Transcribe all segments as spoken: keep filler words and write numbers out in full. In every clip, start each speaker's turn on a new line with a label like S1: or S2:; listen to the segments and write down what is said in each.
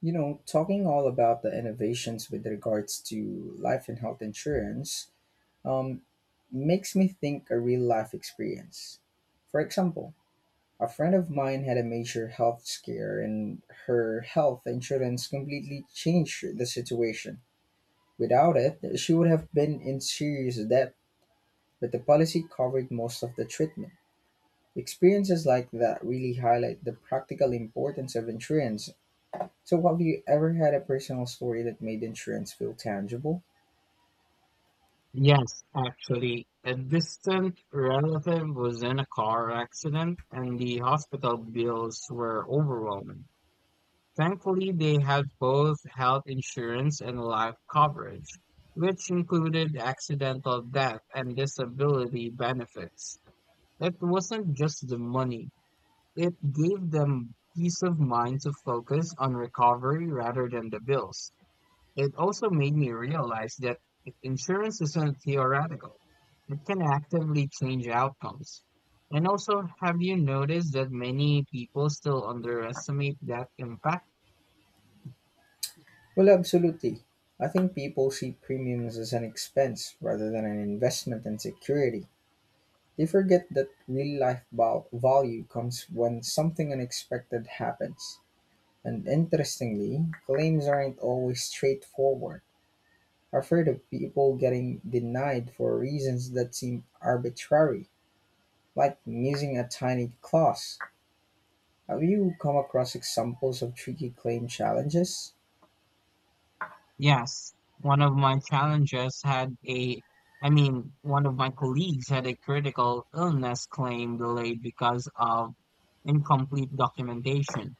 S1: You know, talking all about the innovations with regards to life and health insurance um, makes me think a real life experience. For example, a friend of mine had a major health scare, and her health insurance completely changed the situation. Without it, she would have been in serious debt, but the policy covered most of the treatment. Experiences like that really highlight the practical importance of insurance, so have you ever had a personal story that made insurance feel tangible?
S2: Yes, actually, a distant relative was in a car accident and the hospital bills were overwhelming. Thankfully, they had both health insurance and life coverage, which included accidental death and disability benefits. It wasn't just the money, it gave them peace of mind to focus on recovery rather than the bills. It also made me realize that i- insurance isn't theoretical. It can actively change outcomes. And also, have you noticed that many people still underestimate that impact?
S1: Well, absolutely. I think people see premiums as an expense rather than an investment in security. They forget that real life val- value comes when something unexpected happens. And interestingly, claims aren't always straightforward. I've heard of people getting denied for reasons that seem arbitrary, like missing a tiny clause. Have you come across examples of tricky claim challenges?
S2: Yes, one of my challenges had a, I mean, one of my colleagues had a critical illness claim delayed because of incomplete documentation.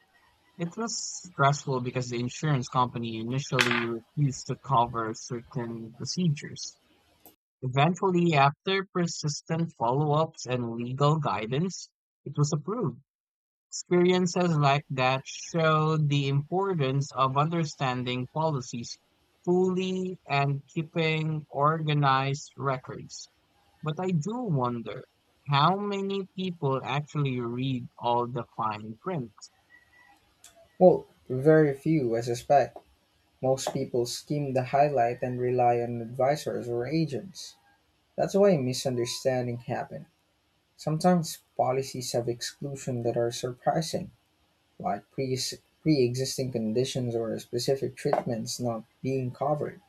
S2: It was stressful because the insurance company initially refused to cover certain procedures. Eventually, after persistent follow-ups and legal guidance, it was approved. Experiences like that showed the importance of understanding policies fully and keeping organized records. But I do wonder how many people actually read all the fine print.
S1: Well, very few, I suspect. Most people skim the highlight and rely on advisors or agents. That's why misunderstanding happen. Sometimes policies have exclusions that are surprising, like pre pre-existing conditions or specific treatments not being covered.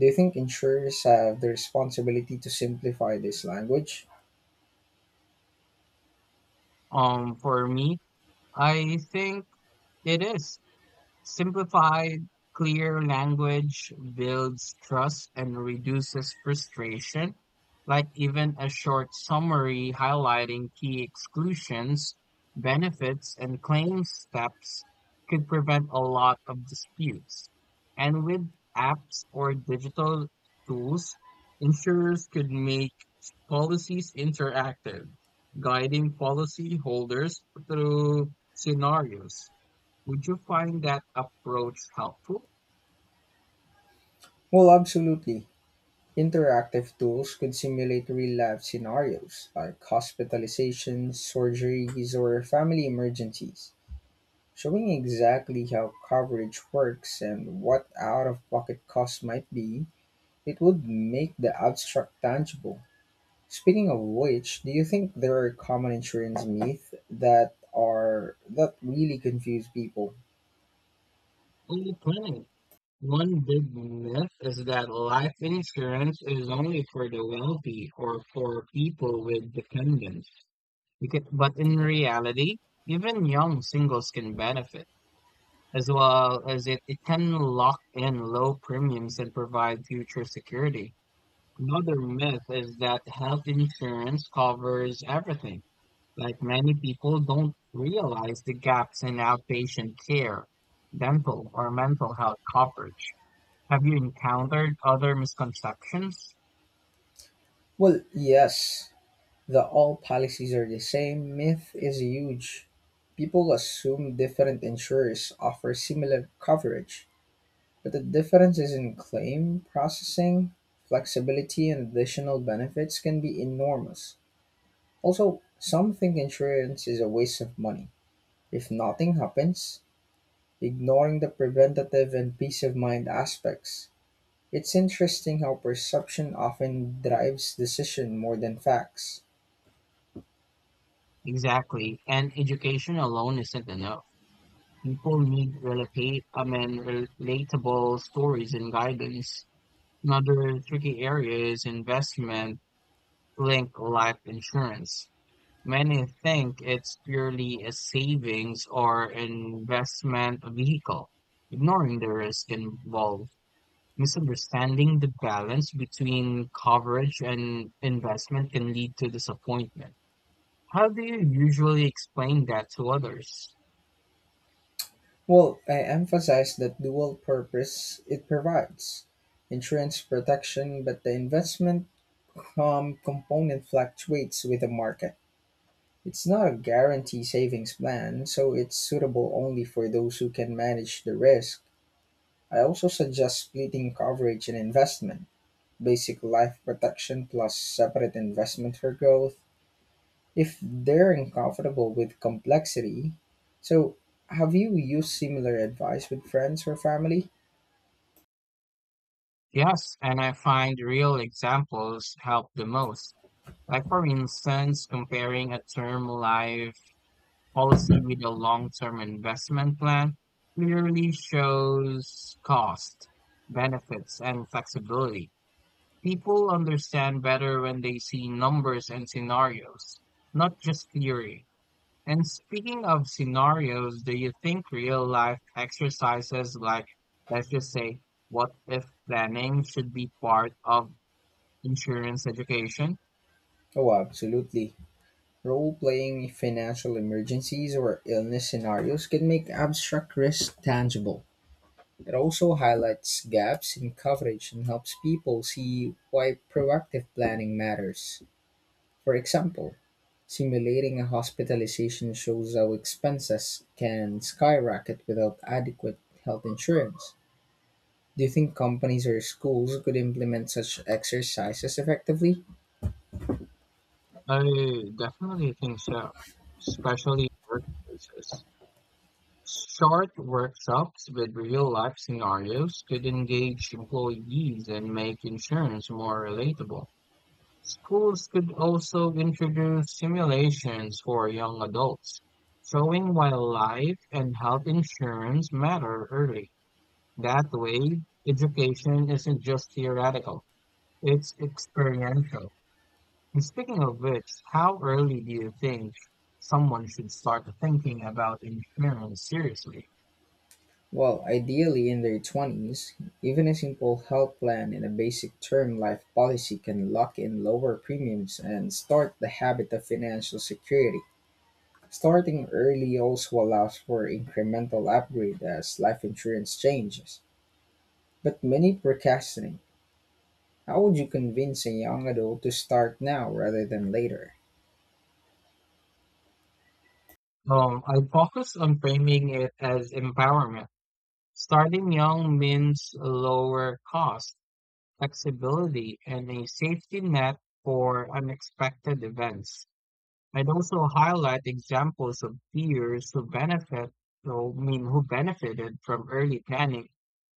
S1: Do you think insurers have the responsibility to simplify this language?
S2: Um, for me, I think it is simplified, clear language builds trust and reduces frustration. Like even a short summary highlighting key exclusions, benefits, and claim steps could prevent a lot of disputes. And with apps or digital tools, insurers could make policies interactive, guiding policyholders through scenarios. Would you find that approach helpful?
S1: Well, absolutely. Interactive tools could simulate real-life scenarios like hospitalizations, surgeries, or family emergencies, showing exactly how coverage works and what out-of-pocket costs might be. It would make the abstract tangible. Speaking of which, do you think there are common insurance myths that are that really confuse people?
S2: Oh, plenty. One big myth is that life insurance is only for the wealthy or for people with dependents. Because, but in reality, even young singles can benefit, as well as it, it can lock in low premiums and provide future security. Another myth is that health insurance covers everything. Like many people don't realize the gaps in outpatient care, dental or mental health coverage. Have you encountered other misconceptions?
S1: Well, yes. The all policies are the same myth is huge. People assume different insurers offer similar coverage, but the difference is in claim processing, flexibility, and additional benefits can be enormous. Also, some think insurance is a waste of money. If nothing happens, ignoring the preventative and peace of mind aspects. It's interesting how perception often drives decision more than facts.
S2: Exactly. And education alone isn't enough. People need relate, I mean, relatable stories and guidance. Another tricky area is investment linked life insurance. Many think it's purely a savings or investment vehicle, ignoring the risk involved. Misunderstanding the balance between coverage and investment can lead to disappointment. How do you usually explain that to others?
S1: Well, I emphasize that dual purpose it provides insurance protection, but the investment um, component fluctuates with the market. It's not a guarantee savings plan, so it's suitable only for those who can manage the risk. I also suggest splitting coverage and investment, basic life protection plus separate investment for growth, if they're uncomfortable with complexity. So, have you used similar advice with friends or family?
S2: Yes, and I find real examples help the most. Like, for instance, comparing a term life policy with a long-term investment plan clearly shows cost, benefits, and flexibility. People understand better when they see numbers and scenarios, not just theory. And speaking of scenarios, do you think real life exercises like, let's just say, what if planning should be part of insurance education?
S1: Oh, absolutely. Role playing financial emergencies or illness scenarios can make abstract risk tangible. It also highlights gaps in coverage and helps people see why proactive planning matters. For example, simulating a hospitalization shows how expenses can skyrocket without adequate health insurance. Do you think companies or schools could implement such exercises effectively?
S2: I definitely think so, especially in workplaces. Short workshops with real-life scenarios could engage employees and make insurance more relatable. Schools could also introduce simulations for young adults, showing why life and health insurance matter early. That way, education isn't just theoretical, it's experiential. And speaking of which, how early do you think someone should start thinking about insurance seriously?
S1: Well, ideally in their twenties, even a simple health plan and a basic term life policy can lock in lower premiums and start the habit of financial security. Starting early also allows for incremental upgrade as life insurance changes. But many procrastinate. How would you convince a young adult to start now rather than later?
S2: Um, I focus on framing it as empowerment. Starting young means lower cost, flexibility, and a safety net for unexpected events. I'd also highlight examples of peers who benefit, so, I mean, who benefited from early planning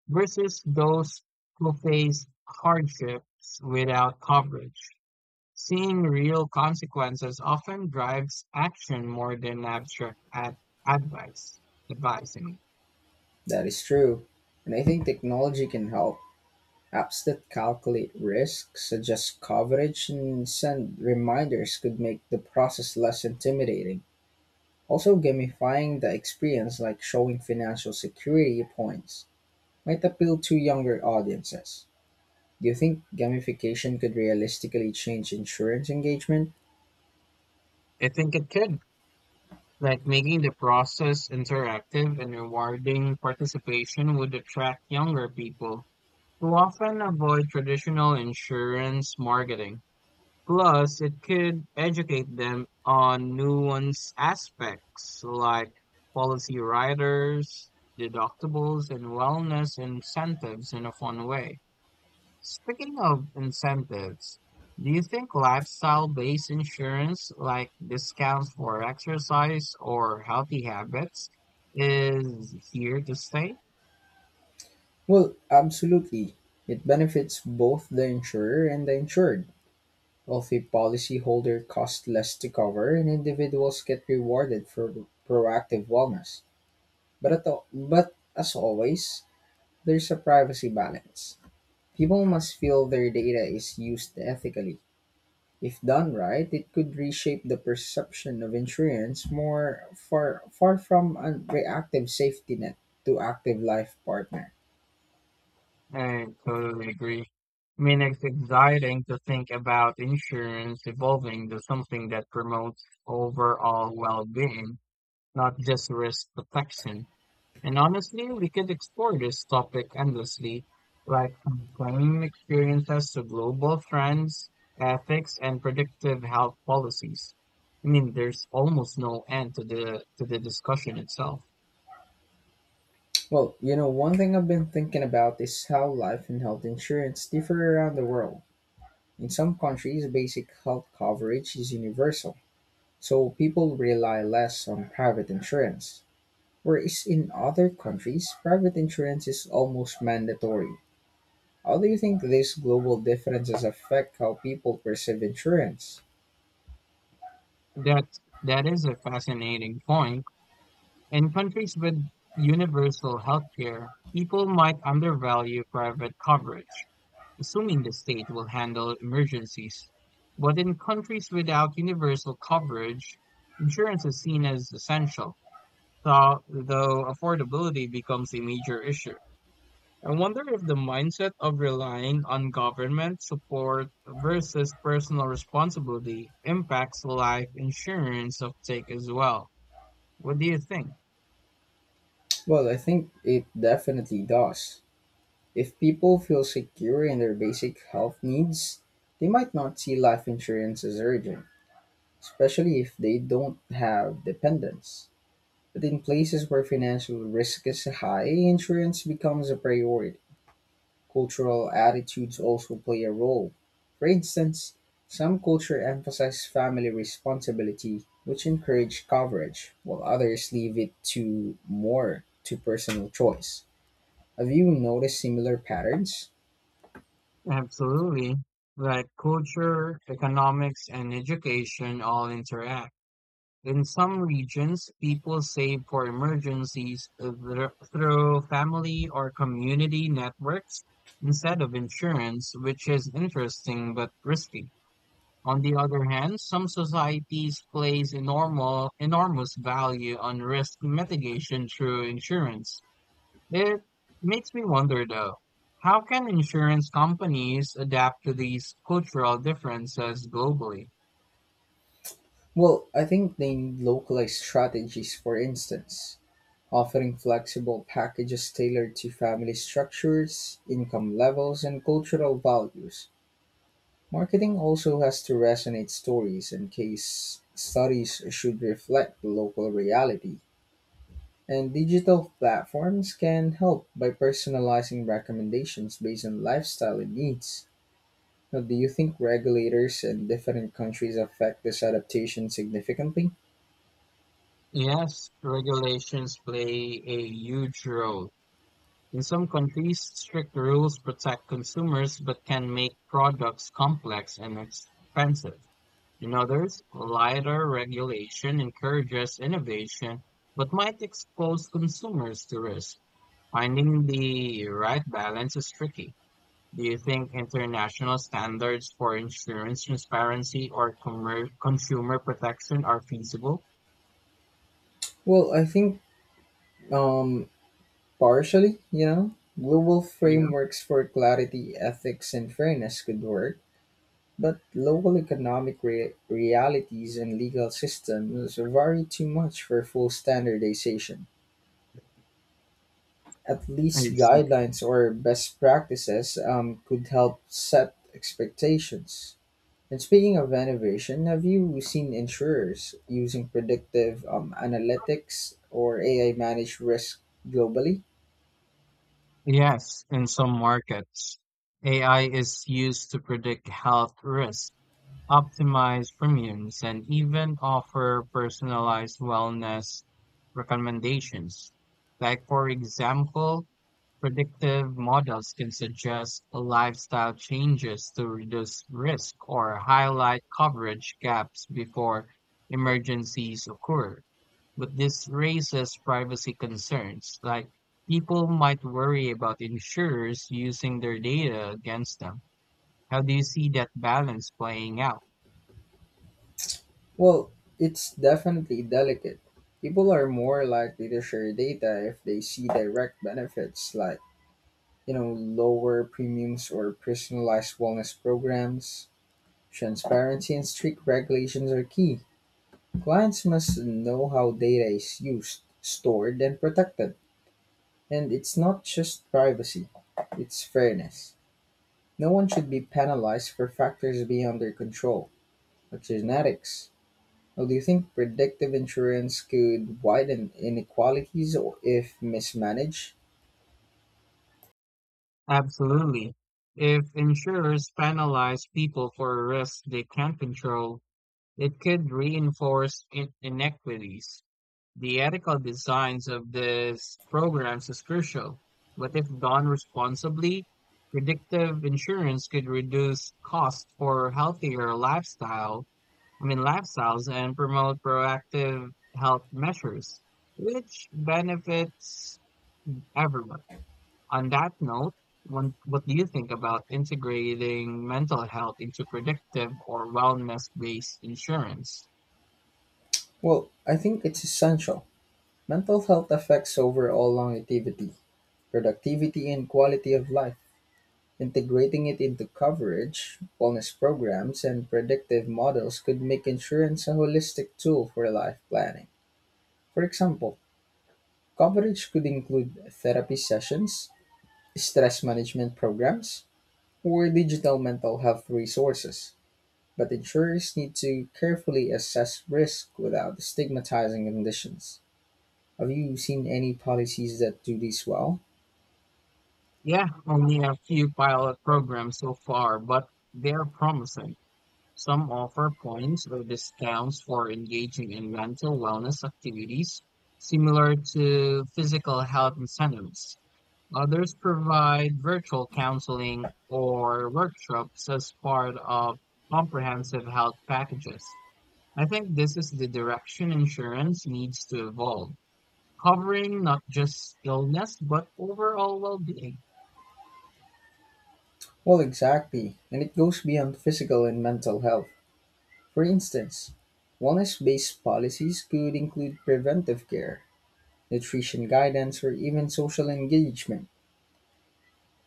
S2: versus those who faced hardships without coverage. Seeing real consequences often drives action more than abstract ad- advice. Advice, I mean.
S1: That is true, and I think technology can help. Apps that calculate risk, suggest coverage, and send reminders could make the process less intimidating. Also, gamifying the experience, like showing financial security points, might appeal to younger audiences. Do you think gamification could realistically change insurance engagement?
S2: I think it could. Like making the process interactive and rewarding participation would attract younger people who often avoid traditional insurance marketing. Plus, it could educate them on nuanced aspects like policy riders, deductibles, and wellness incentives in a fun way. Speaking of incentives, do you think lifestyle-based insurance like discounts for exercise or healthy habits is here to stay?
S1: Well, absolutely. It benefits both the insurer and the insured. Wealthy policyholder cost less to cover, and individuals get rewarded for proactive wellness. But at all, but as always, there's a privacy balance. People must feel their data is used ethically. If done right, it could reshape the perception of insurance more far far from a reactive safety net to active life partner.
S2: I totally agree. I mean, it's exciting to think about insurance evolving to something that promotes overall well-being, not just risk protection. And honestly, we could explore this topic endlessly, like from claiming experiences to global trends, ethics, and predictive health policies. I mean, there's almost no end to the to the discussion itself.
S1: Well, you know, one thing I've been thinking about is how life and health insurance differ around the world. In some countries, basic health coverage is universal, so people rely less on private insurance. Whereas in other countries, private insurance is almost mandatory. How do you think these global differences affect how people perceive insurance?
S2: That that is a fascinating point. In countries with universal healthcare, people might undervalue private coverage, assuming the state will handle emergencies. But in countries without universal coverage, insurance is seen as essential, though, though affordability becomes a major issue. I wonder if the mindset of relying on government support versus personal responsibility impacts life insurance uptake as well. What do you think?
S1: Well, I think it definitely does. If people feel secure in their basic health needs, they might not see life insurance as urgent, especially if they don't have dependents. But in places where financial risk is high, insurance becomes a priority. Cultural attitudes also play a role. For instance, some culture emphasize family responsibility, which encourage coverage, while others leave it to more to personal choice. Have you noticed similar patterns?
S2: Absolutely. Like culture, economics, and education all interact. In some regions, people save for emergencies thr- through family or community networks instead of insurance, which is interesting but risky. On the other hand, some societies place enormous, enormous value on risk mitigation through insurance. It makes me wonder though, how can insurance companies adapt to these cultural differences globally?
S1: Well, I think they need localized strategies, for instance, offering flexible packages tailored to family structures, income levels, and cultural values. Marketing also has to resonate stories and case studies should reflect the local reality. And digital platforms can help by personalizing recommendations based on lifestyle and needs. Now, do you think regulators in different countries affect this adaptation significantly?
S2: Yes, regulations play a huge role. In some countries, strict rules protect consumers but can make products complex and expensive. In others, lighter regulation encourages innovation but might expose consumers to risk. Finding the right balance is tricky. Do you think international standards for insurance transparency or commer consumer protection are feasible?
S1: Well, I think um, partially, you know, global
S2: Yeah,
S1: frameworks for clarity, ethics, and fairness could work. But local economic re- realities and legal systems vary too much for full standardization. At
S2: I
S1: least
S2: see.
S1: guidelines or best practices um, could help set expectations. And speaking of innovation, have you seen insurers using predictive um, analytics or A I managed risk globally?
S2: Yes, in some markets, A I is used to predict health risks, optimize premiums, and even offer personalized wellness recommendations. Like, for example, predictive models can suggest lifestyle changes to reduce risk or highlight coverage gaps before emergencies occur. But this raises privacy concerns, like people might worry about insurers using their data against them. How do you see that balance playing out?
S1: Well, it's definitely delicate. People are more likely to share data if they see direct benefits like, you know, lower premiums or personalized wellness programs. Transparency and strict regulations are key. Clients must know how data is used, stored, and protected. And it's not just privacy, it's fairness. No one should be penalized for factors beyond their control, like genetics. Now, do you think predictive insurance could widen inequalities or if mismanaged?
S2: Absolutely. If insurers penalize people for risks they can't control, it could reinforce in- inequities. The ethical designs of these programs is crucial, but if done responsibly, predictive insurance could reduce costs for healthier lifestyle, I mean lifestyles and promote proactive health measures, which benefits everyone. On that note, one, what do you think about integrating mental health into predictive or wellness-based insurance?
S1: Well, I think it's essential. Mental health affects overall longevity, productivity, and quality of life. Integrating it into coverage, wellness programs, and predictive models could make insurance a holistic tool for life planning. For example, coverage could include therapy sessions, stress management programs, or digital mental health resources. But insurers need to carefully assess risk without stigmatizing conditions. Have you seen any policies that do this well?
S2: Yeah, only a few pilot programs so far, but they're promising. Some offer points or discounts for engaging in mental wellness activities, similar to physical health incentives. Others provide virtual counseling or workshops as part of comprehensive health packages. I think this is the direction insurance needs to evolve, covering not just illness, but overall well being.
S1: Well, exactly. And it goes beyond physical and mental health. For instance, wellness based policies could include preventive care, nutrition guidance, or even social engagement.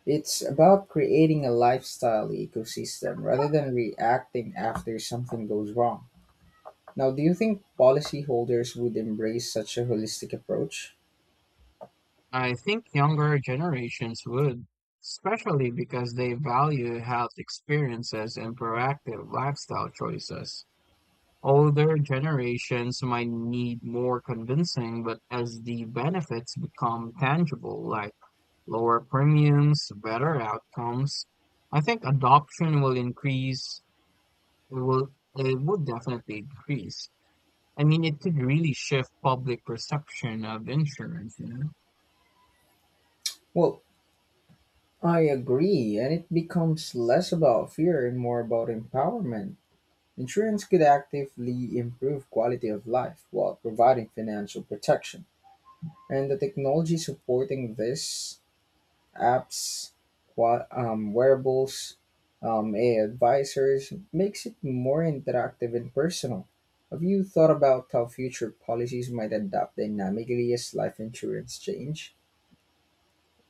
S1: It's about creating a lifestyle ecosystem rather than reacting after something goes wrong. Now, do you think policyholders would embrace such a holistic approach?
S2: I think younger generations would, especially because they value health experiences and proactive lifestyle choices. Older generations might need more convincing, but as the benefits become tangible, like lower premiums, better outcomes, I think adoption will increase. It will, it would definitely increase. I mean, it could really shift public perception of insurance, you know?
S1: Well, I agree, and it becomes less about fear and more about empowerment. Insurance could actively improve quality of life while providing financial protection, and the technology supporting this apps, wa- um, wearables, um, A I advisors makes it more interactive and personal. Have you thought about how future policies might adapt dynamically as life insurance change?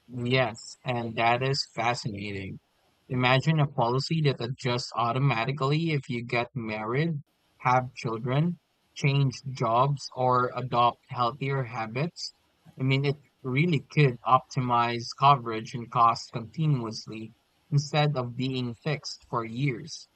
S2: Yes, and that is fascinating. Imagine a policy that adjusts automatically if you get married, have children, change jobs, or adopt healthier habits. I mean, it really could optimize coverage and cost continuously instead of being fixed for years.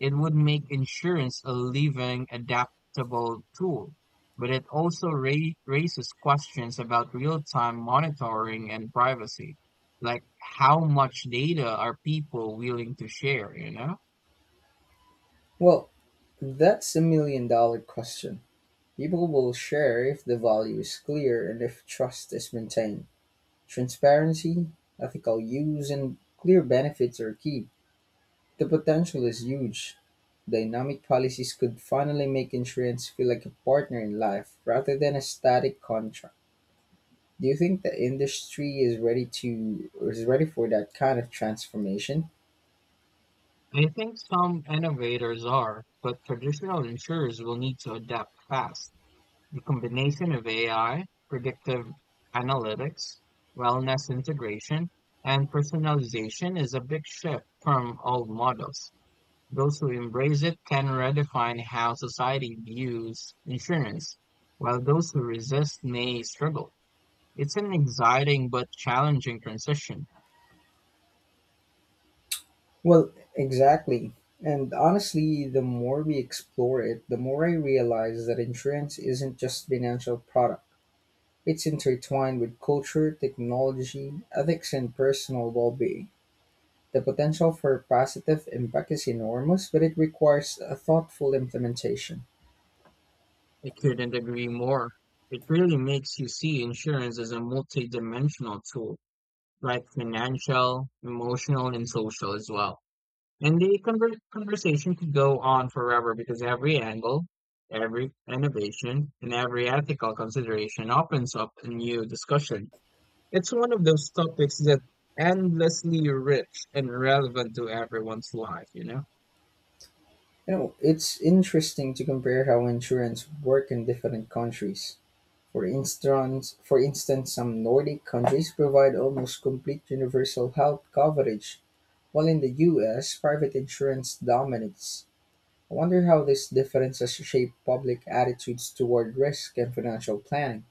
S2: It would make insurance a living, adaptable tool, but it also ra raises questions about real-time monitoring and privacy. Like how much data are people willing to share, you know?
S1: Well, that's a million dollar question. People will share if the value is clear and if trust is maintained. Transparency, ethical use, and clear benefits are key. The potential is huge. Dynamic policies could finally make insurance feel like a partner in life rather than a static contract. Do you think the industry is ready to is ready for that kind of transformation?
S2: I think some innovators are, but traditional insurers will need to adapt fast. The combination of A I, predictive analytics, wellness integration, and personalization is a big shift from old models. Those who embrace it can redefine how society views insurance, while those who resist may struggle. It's an exciting but challenging transition.
S1: Well, exactly. And honestly, the more we explore it, the more I realize that insurance isn't just financial product. It's intertwined with culture, technology, ethics and personal well-being. The potential for positive impact is enormous, but it requires a thoughtful implementation.
S2: I couldn't agree more. It really makes you see insurance as a multidimensional tool, like financial, emotional, and social as well. And the conver- conversation could go on forever because every angle, every innovation, and every ethical consideration opens up a new discussion. It's one of those topics that endlessly rich and relevant to everyone's life, you know?
S1: You know, it's interesting to compare how insurance work in different countries. For instance, for instance, some Nordic countries provide almost complete universal health coverage, while in the U S, private insurance dominates. I wonder how these differences shape public attitudes toward risk and financial planning.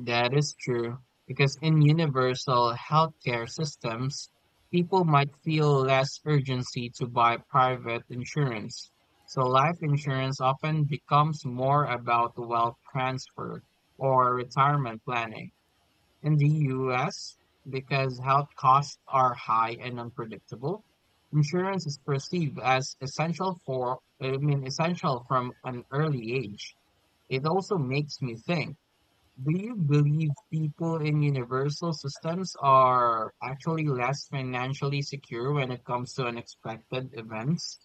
S2: That is true, because in universal healthcare systems, people might feel less urgency to buy private insurance. So life insurance often becomes more about wealth transfer or retirement planning. In the U S, because health costs are high and unpredictable, insurance is perceived as essential for, I mean, essential from an early age. It also makes me think, do you believe people in universal systems are actually less financially secure when it comes to unexpected events?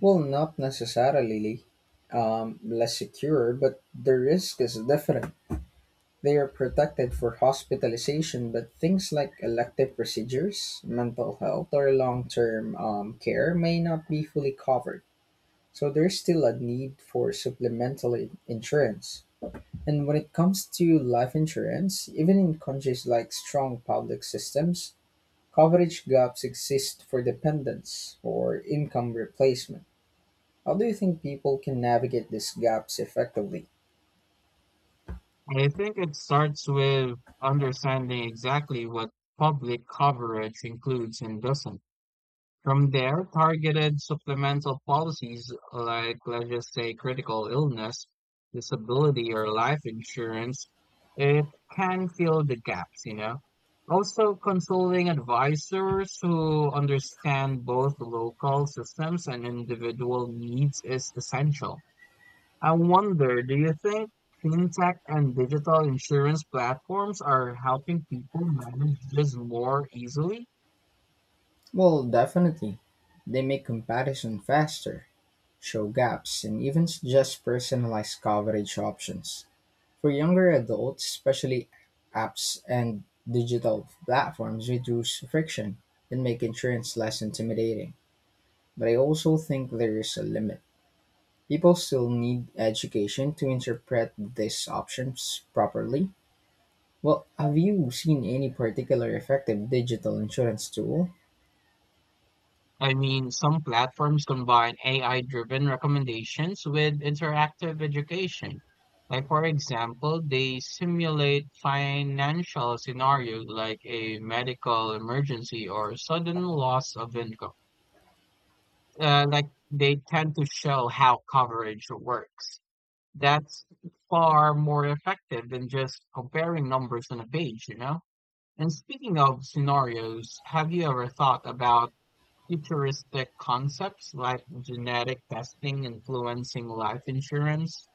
S1: Well, not necessarily um, less secure, but the risk is different. They are protected for hospitalization, but things like elective procedures, mental health, or long term um, care may not be fully covered. So there's still a need for supplemental insurance. And when it comes to life insurance, even in countries like strong public systems, coverage gaps exist for dependents or income replacement. How do you think people can navigate these gaps effectively?
S2: I think it starts with understanding exactly what public coverage includes and doesn't. From there, targeted supplemental policies like, let's just say, critical illness, disability, or life insurance, it can fill the gaps, you know. Also, consulting advisors who understand both local systems and individual needs is essential. I wonder, do you think fintech and digital insurance platforms are helping people manage this more easily?
S1: Well, definitely. They make comparison faster, show gaps, and even suggest personalized coverage options. For younger adults, especially apps and digital platforms reduce friction and make insurance less intimidating. But I also think there is a limit. People still need education to interpret these options properly. Well, have you seen any particular effective digital insurance tool?
S2: I mean, some platforms combine A I-driven recommendations with interactive education. Like, for example, they simulate financial scenarios like a medical emergency or sudden loss of income. Uh, like, they tend to show how coverage works. That's far more effective than just comparing numbers on a page, you know? And speaking of scenarios, have you ever thought about futuristic concepts like genetic testing influencing life insurance?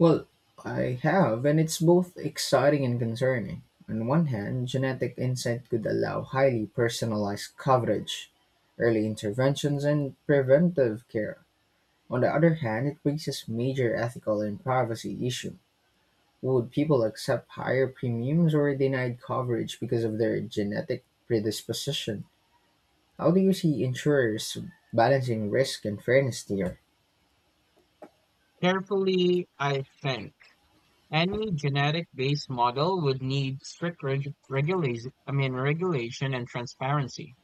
S1: Well, I have, and it's both exciting and concerning. On one hand, genetic insight could allow highly personalized coverage, early interventions, and preventive care. On the other hand, it raises major ethical and privacy issue. Would people accept higher premiums or denied coverage because of their genetic predisposition? How do you see insurers balancing risk and fairness here?
S2: Carefully, I think any genetic-based model would need strict reg- regulation, I mean, regulation and transparency.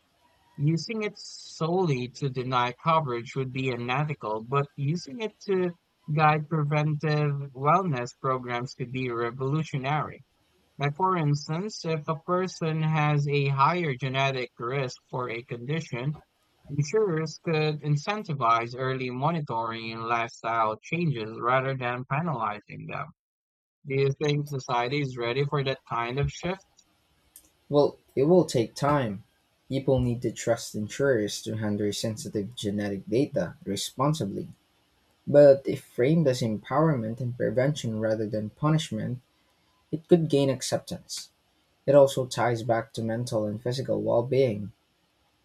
S2: Using it solely to deny coverage would be unethical, but using it to guide preventive wellness programs could be revolutionary. Like, for instance, if a person has a higher genetic risk for a condition, insurers could incentivize early monitoring and lifestyle changes rather than penalizing them. Do you think society is ready for that kind of shift?
S1: Well, it will take time. People need to trust insurers to handle sensitive genetic data responsibly. But if framed as empowerment and prevention rather than punishment, it could gain acceptance. It also ties back to mental and physical well being.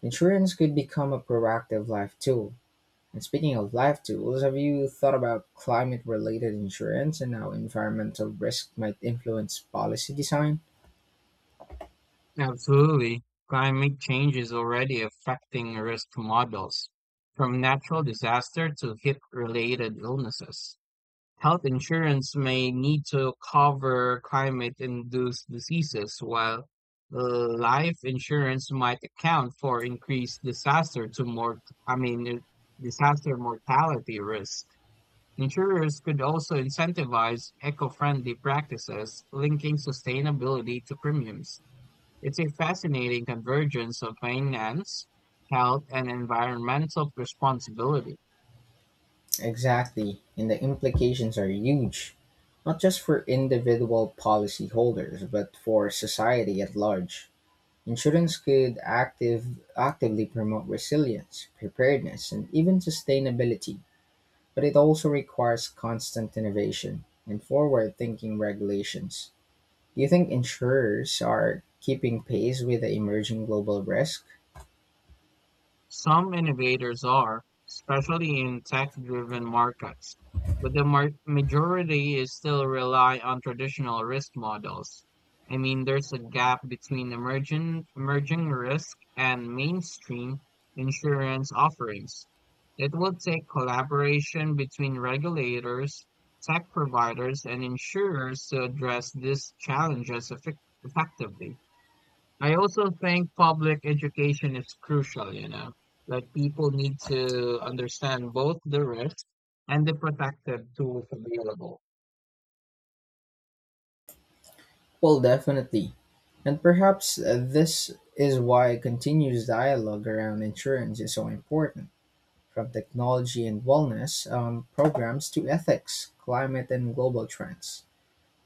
S1: Insurance could become a proactive life tool. And speaking of life tools, have you thought about climate related insurance and how environmental risk might influence policy design?
S2: Absolutely. Climate change is already affecting risk models, from natural disaster to heat related illnesses. Health insurance may need to cover climate-induced diseases, while life insurance might account for increased disaster to more, I mean, uh, disaster mortality risk. Insurers could also incentivize eco-friendly practices, linking sustainability to premiums. It's a fascinating convergence of finance, health, and environmental responsibility.
S1: Exactly, and the implications are huge, not just for individual policyholders, but for society at large. Insurance could active, actively promote resilience, preparedness, and even sustainability, but it also requires constant innovation and forward thinking regulations. Do you think insurers are keeping pace with the emerging global risk?
S2: Some innovators are, especially in tech-driven markets, but the mar majority is still rely on traditional risk models. I mean, there's a gap between emerging emerging risk and mainstream insurance offerings. It will take collaboration between regulators, tech providers, and insurers to address these challenges effec- effectively. I also think public education is crucial, you know, like people need to understand both the risks and the protective tools available.
S1: Well, definitely. And perhaps uh, this is why continuous dialogue around insurance is so important, from technology and wellness um, programs to ethics, climate, and global trends.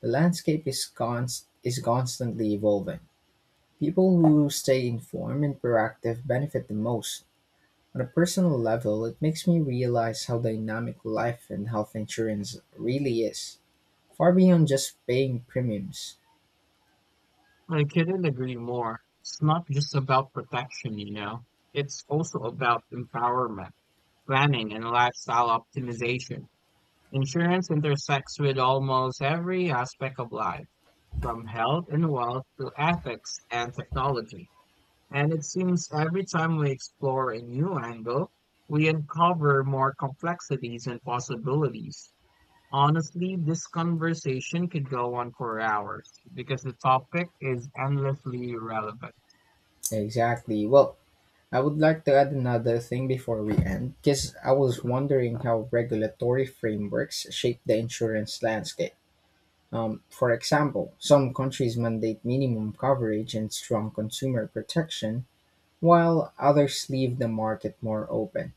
S1: The landscape is, const- is constantly evolving. People who stay informed and proactive benefit the most. On a personal level, it makes me realize how dynamic life and health insurance really is, far beyond just paying premiums.
S2: I couldn't agree more. It's not just about protection, you know, it's also about empowerment, planning, and lifestyle optimization. Insurance intersects with almost every aspect of life, from health and wealth to ethics and technology. And it seems every time we explore a new angle, we uncover more complexities and possibilities. Honestly, this conversation could go on for hours because the topic is endlessly relevant.
S1: Exactly. Well, I would like to add another thing before we end, because I was
S2: Mm,
S1: wondering how regulatory frameworks shape the insurance landscape. Um, for example, some countries mandate minimum coverage and strong consumer protection, while others leave the market more open.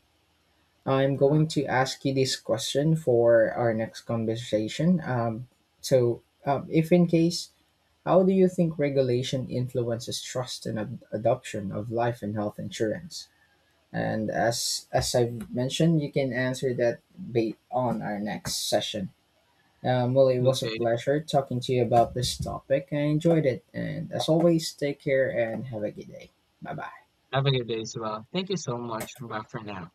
S1: I'm going
S2: mm.
S1: to ask you this question for our next conversation. Um, so, um, if in case, how do you think regulation influences trust and ad- adoption of life and health insurance? And as as I've mentioned, you can answer that bait on our next session. Um, well, it was a
S2: Okay,
S1: pleasure talking to you about this topic. I enjoyed it, and as always, take care and have a good day. Bye bye.
S2: have a good day as well. Thank you so much. Bye for now.